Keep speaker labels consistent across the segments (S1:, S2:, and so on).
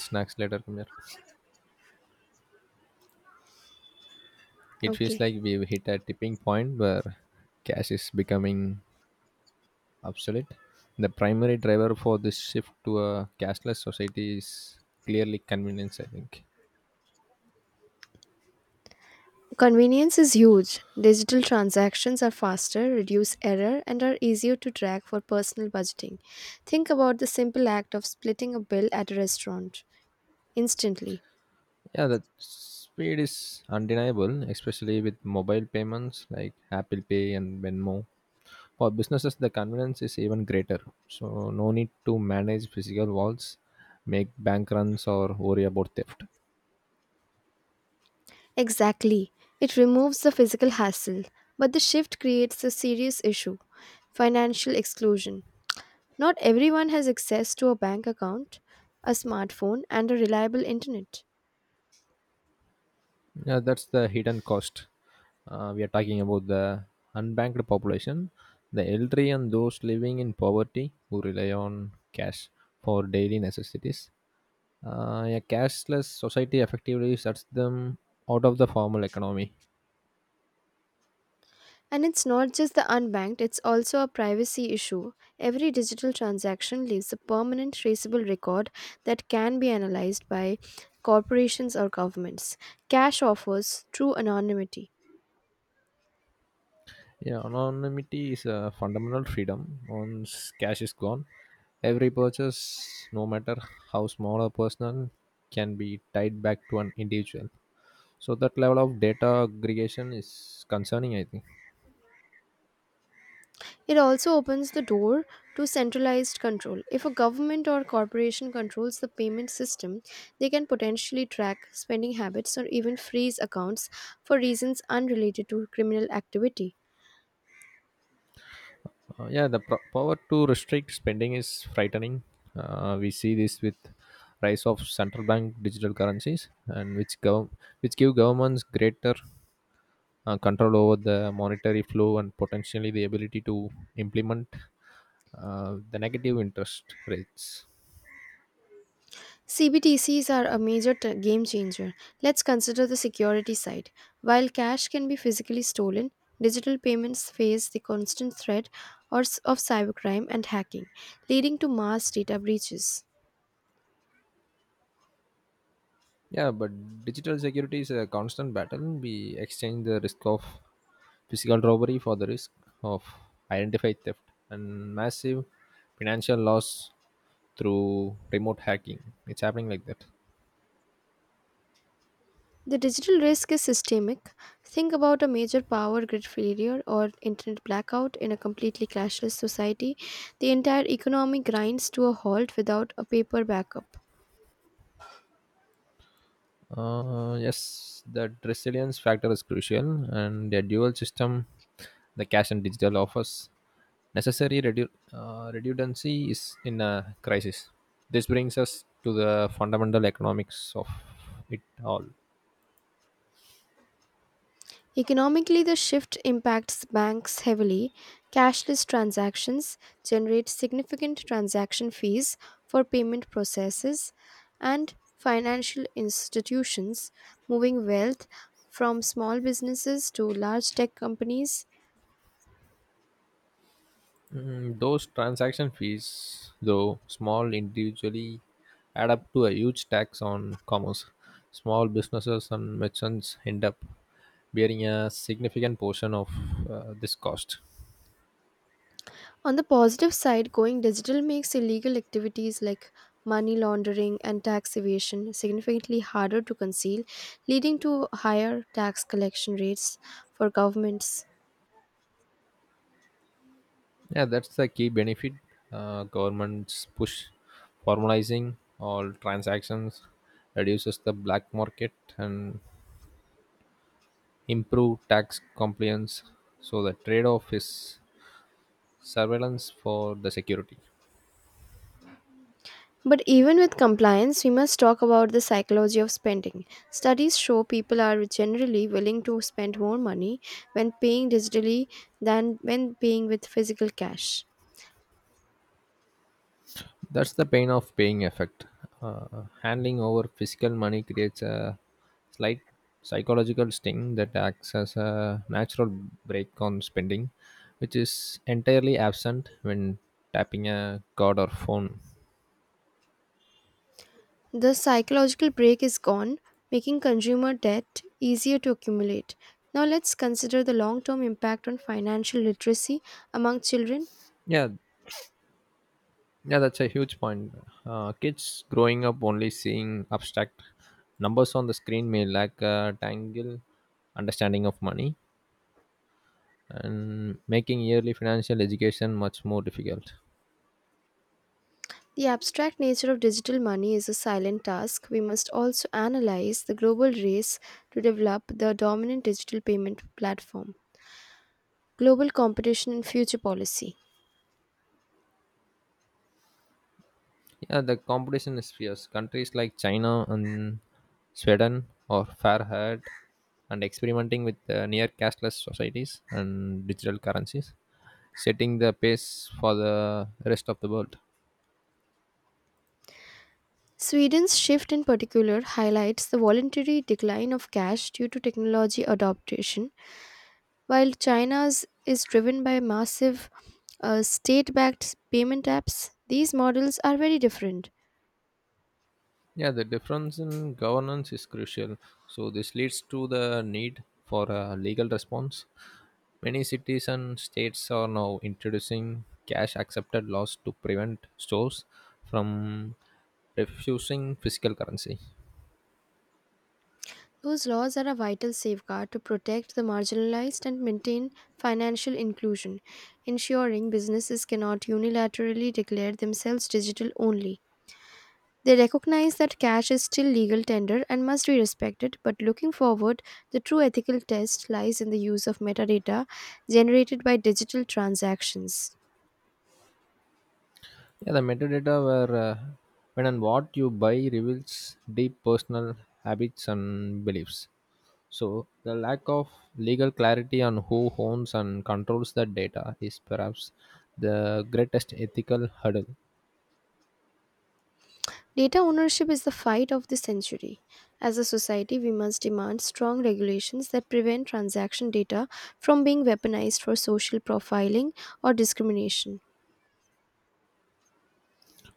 S1: Snacks later come here. It feels
S2: Okay.
S1: like we've hit a tipping point where cash is becoming obsolete. The primary driver for this shift to a cashless society is clearly convenience, I think.
S2: Convenience is huge. Digital transactions are faster, reduce error, and are easier to track for personal budgeting. Think about the simple act of splitting a bill at a restaurant instantly.
S1: Yeah, the speed is undeniable, especially with mobile payments like Apple Pay and Venmo. For businesses, the convenience is even greater. So, no need to manage physical walls, make bank runs, or worry about theft.
S2: Exactly. It removes the physical hassle, but the shift creates a serious issue, financial exclusion. Not everyone has access to a bank account, a smartphone, and a reliable internet.
S1: Yeah, that's the hidden cost. We are talking about the unbanked population, the elderly, and those living in poverty who rely on cash for daily necessities. A cashless society effectively shuts them out of the formal economy.
S2: And it's not just the unbanked, it's also a privacy issue. Every digital transaction leaves a permanent traceable record that can be analyzed by corporations or governments. Cash offers true anonymity.
S1: Yeah, anonymity is a fundamental freedom. Once cash is gone, every purchase, no matter how small or personal, can be tied back to an individual. So that level of data aggregation is concerning, I think.
S2: It also opens the door to centralized control. If a government or corporation controls the payment system, they can potentially track spending habits or even freeze accounts for reasons unrelated to criminal activity.
S1: Yeah, the power to restrict spending is frightening. We see this with rise of central bank digital currencies and which give governments greater control over the monetary flow and potentially the ability to implement the negative interest rates.
S2: CBDCs are a major game changer. Let's consider the security side. While cash can be physically stolen, digital payments face the constant threat of cybercrime and hacking, leading to mass data breaches.
S1: Yeah, but digital security is a constant battle. We exchange the risk of physical robbery for the risk of identified theft and massive financial loss through remote hacking. It's happening like that.
S2: The digital risk is systemic. Think about a major power grid failure or internet blackout in a completely cashless society. The entire economy grinds to a halt without a paper backup.
S1: Yes, that resilience factor is crucial, and the dual system, the cash and digital offers necessary redundancy is in a crisis. This brings us to the fundamental economics of it all.
S2: Economically, the shift impacts banks heavily. Cashless transactions generate significant transaction fees for payment processes, and financial institutions, moving wealth from small businesses to large tech companies.
S1: Mm, those transaction fees, though small individually, add up to a huge tax on commerce. Small businesses and merchants end up bearing a significant portion of this cost.
S2: On the positive side, going digital makes illegal activities like money laundering and tax evasion significantly harder to conceal, leading to higher tax collection rates for governments.
S1: Yeah, that's the key benefit. Governments push formalizing all transactions, reduces the black market, and improve tax compliance. So the trade-off is surveillance for the security.
S2: But even with compliance, we must talk about the psychology of spending. Studies show people are generally willing to spend more money when paying digitally than when paying with physical cash.
S1: That's the pain of paying effect. Handling over physical money creates a slight psychological sting that acts as a natural brake on spending, which is entirely absent when tapping a card or phone.
S2: The psychological break is gone, making consumer debt easier to accumulate. Now let's consider the long term impact on financial literacy among children.
S1: Yeah, yeah, that's a huge point. Kids growing up only seeing abstract numbers on the screen may lack a tangible understanding of money and making yearly financial education much more difficult.
S2: The abstract nature of digital money is a silent task. We must also analyze the global race to develop the dominant digital payment platform, global competition, and future policy.
S1: Yeah, the competition is fierce. Countries like China and Sweden are fair haired and experimenting with near cashless societies and digital currencies, setting the pace for the rest of the world.
S2: Sweden's shift in particular highlights the voluntary decline of cash due to technology adoption, while China's is driven by massive state backed payment apps. These models are very different.
S1: Yeah, the difference in governance is crucial. So, this leads to the need for a legal response. Many cities and states are now introducing cash accepted laws to prevent stores from refusing physical currency.
S2: Whose laws are a vital safeguard to protect the marginalized and maintain financial inclusion, ensuring businesses cannot unilaterally declare themselves digital only. They recognize that cash is still legal tender and must be respected, but looking forward, the true ethical test lies in the use of metadata generated by digital transactions.
S1: Yeah, the metadata where when and what you buy reveals deep personal habits and beliefs. So the lack of legal clarity on who owns and controls the data is perhaps the greatest ethical hurdle.
S2: Data ownership is the fight of the century. As a society, we must demand strong regulations that prevent transaction data from being weaponized for social profiling or discrimination.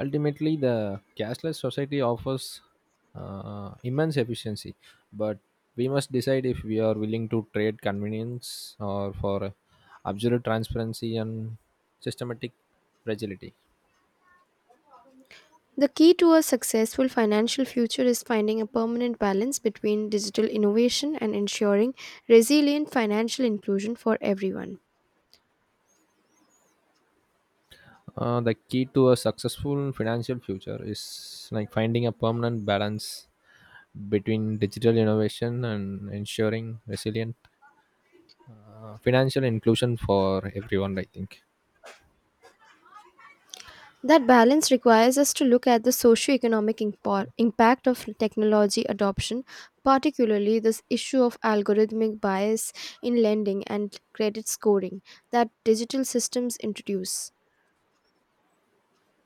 S1: Ultimately, the cashless society offers immense efficiency, but we must decide if we are willing to trade convenience or for absolute transparency and systematic fragility.
S2: The key to a successful financial future is finding a permanent balance between digital innovation and ensuring resilient financial inclusion for everyone.
S1: The key to a successful financial future is like finding a permanent balance between digital innovation and ensuring resilient financial inclusion for everyone, I think.
S2: That balance requires us to look at the socioeconomic impact of technology adoption, particularly this issue of algorithmic bias in lending and credit scoring that digital systems introduce.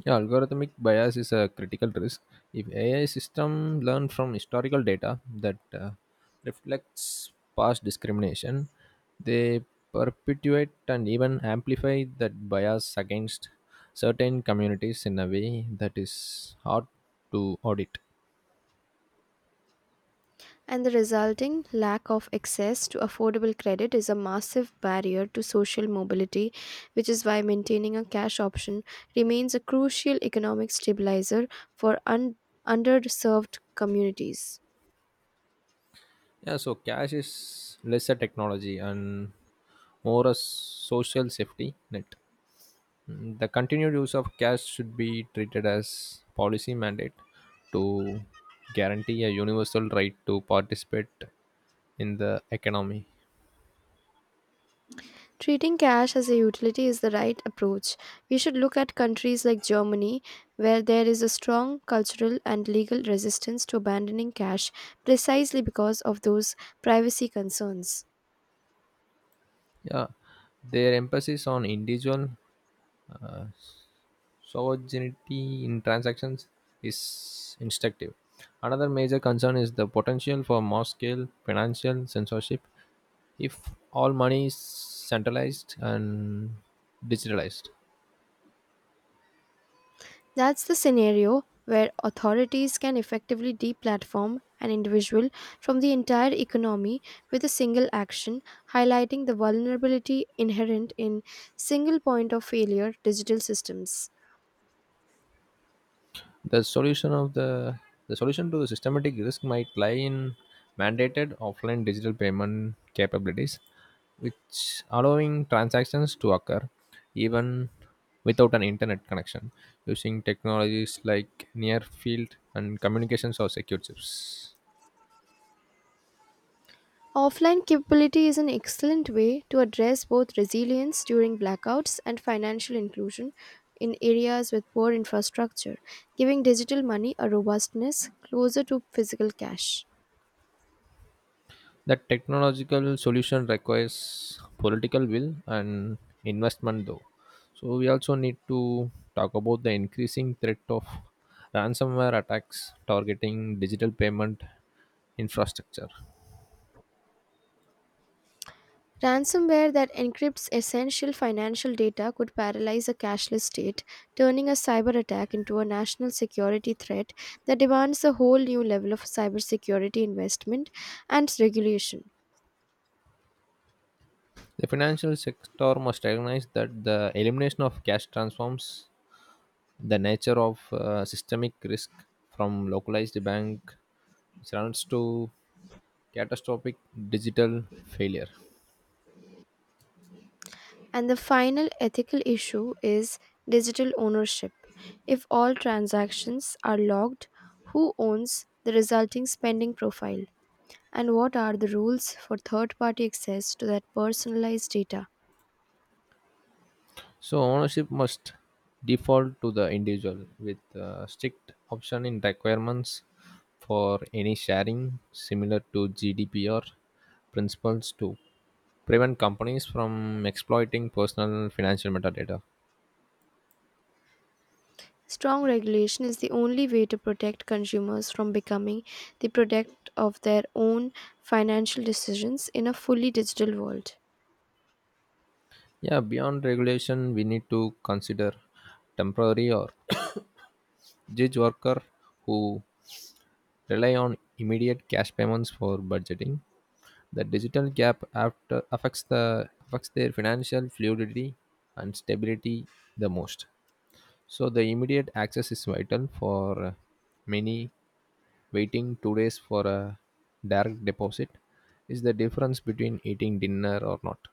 S1: Yeah, algorithmic bias is a critical risk. If AI system learn from historical data that reflects past discrimination, they perpetuate and even amplify that bias against certain communities in a way that is hard to audit.
S2: And the resulting lack of access to affordable credit is a massive barrier to social mobility, which is why maintaining a cash option remains a crucial economic stabilizer for underserved communities.
S1: Yeah, so cash is less a technology and more a social safety net. Mm, the continued use of cash should be treated as policy mandate to guarantee a universal right to participate in the economy.
S2: Treating cash as a utility is the right approach. We should look at countries like Germany, where there is a strong cultural and legal resistance to abandoning cash precisely because of those privacy concerns.
S1: Yeah, their emphasis on individual uh, sovereignty in transactions is instructive. Another major concern is the potential for mass scale financial censorship if all money is centralized and digitalized.
S2: That's the scenario where authorities can effectively deplatform an individual from the entire economy with a single action, highlighting the vulnerability inherent in single point of failure digital systems.
S1: The solution of the the solution to the systematic risk might lie in mandated offline digital payment capabilities, which allowing transactions to occur even without an internet connection using technologies like near field and communications or secure chips.
S2: Offline capability is an excellent way to address both resilience during blackouts and financial inclusion in areas with poor infrastructure, giving digital money a robustness closer to physical cash.
S1: That technological solution requires political will and investment, though. So, we also need to talk about the increasing threat of ransomware attacks targeting digital payment infrastructure.
S2: Ransomware that encrypts essential financial data could paralyze a cashless state, turning a cyber attack into a national security threat that demands a whole new level of cybersecurity investment and regulation.
S1: The financial sector must recognize that the elimination of cash transforms the nature of systemic risk from localized bank which runs to catastrophic digital failure.
S2: And the final ethical issue is digital ownership. If all transactions are logged, who owns the resulting spending profile? And what are the rules for third party access to that personalized data?
S1: So ownership must default to the individual with strict option in requirements for any sharing similar to GDPR principles to prevent companies from exploiting personal financial metadata.
S2: Strong regulation is the only way to protect consumers from becoming the product of their own financial decisions in a fully digital world.
S1: Yeah, beyond regulation, we need to consider temporary or gig worker who rely on immediate cash payments for budgeting. The digital gap after affects the affects their financial fluidity and stability the most. So the immediate access is vital for many waiting 2 days for a direct deposit is the difference between eating dinner or not.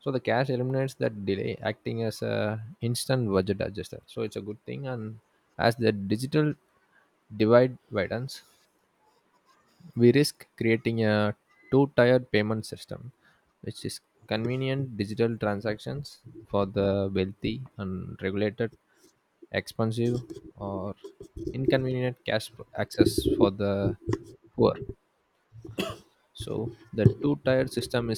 S1: So the cash eliminates that delay, acting as a instant budget adjuster. So it's a good thing, and as the digital divide widens, we risk creating a two tiered payment system, which is convenient digital transactions for the wealthy and regulated, expensive, or inconvenient cash access for the poor. So, the two tier system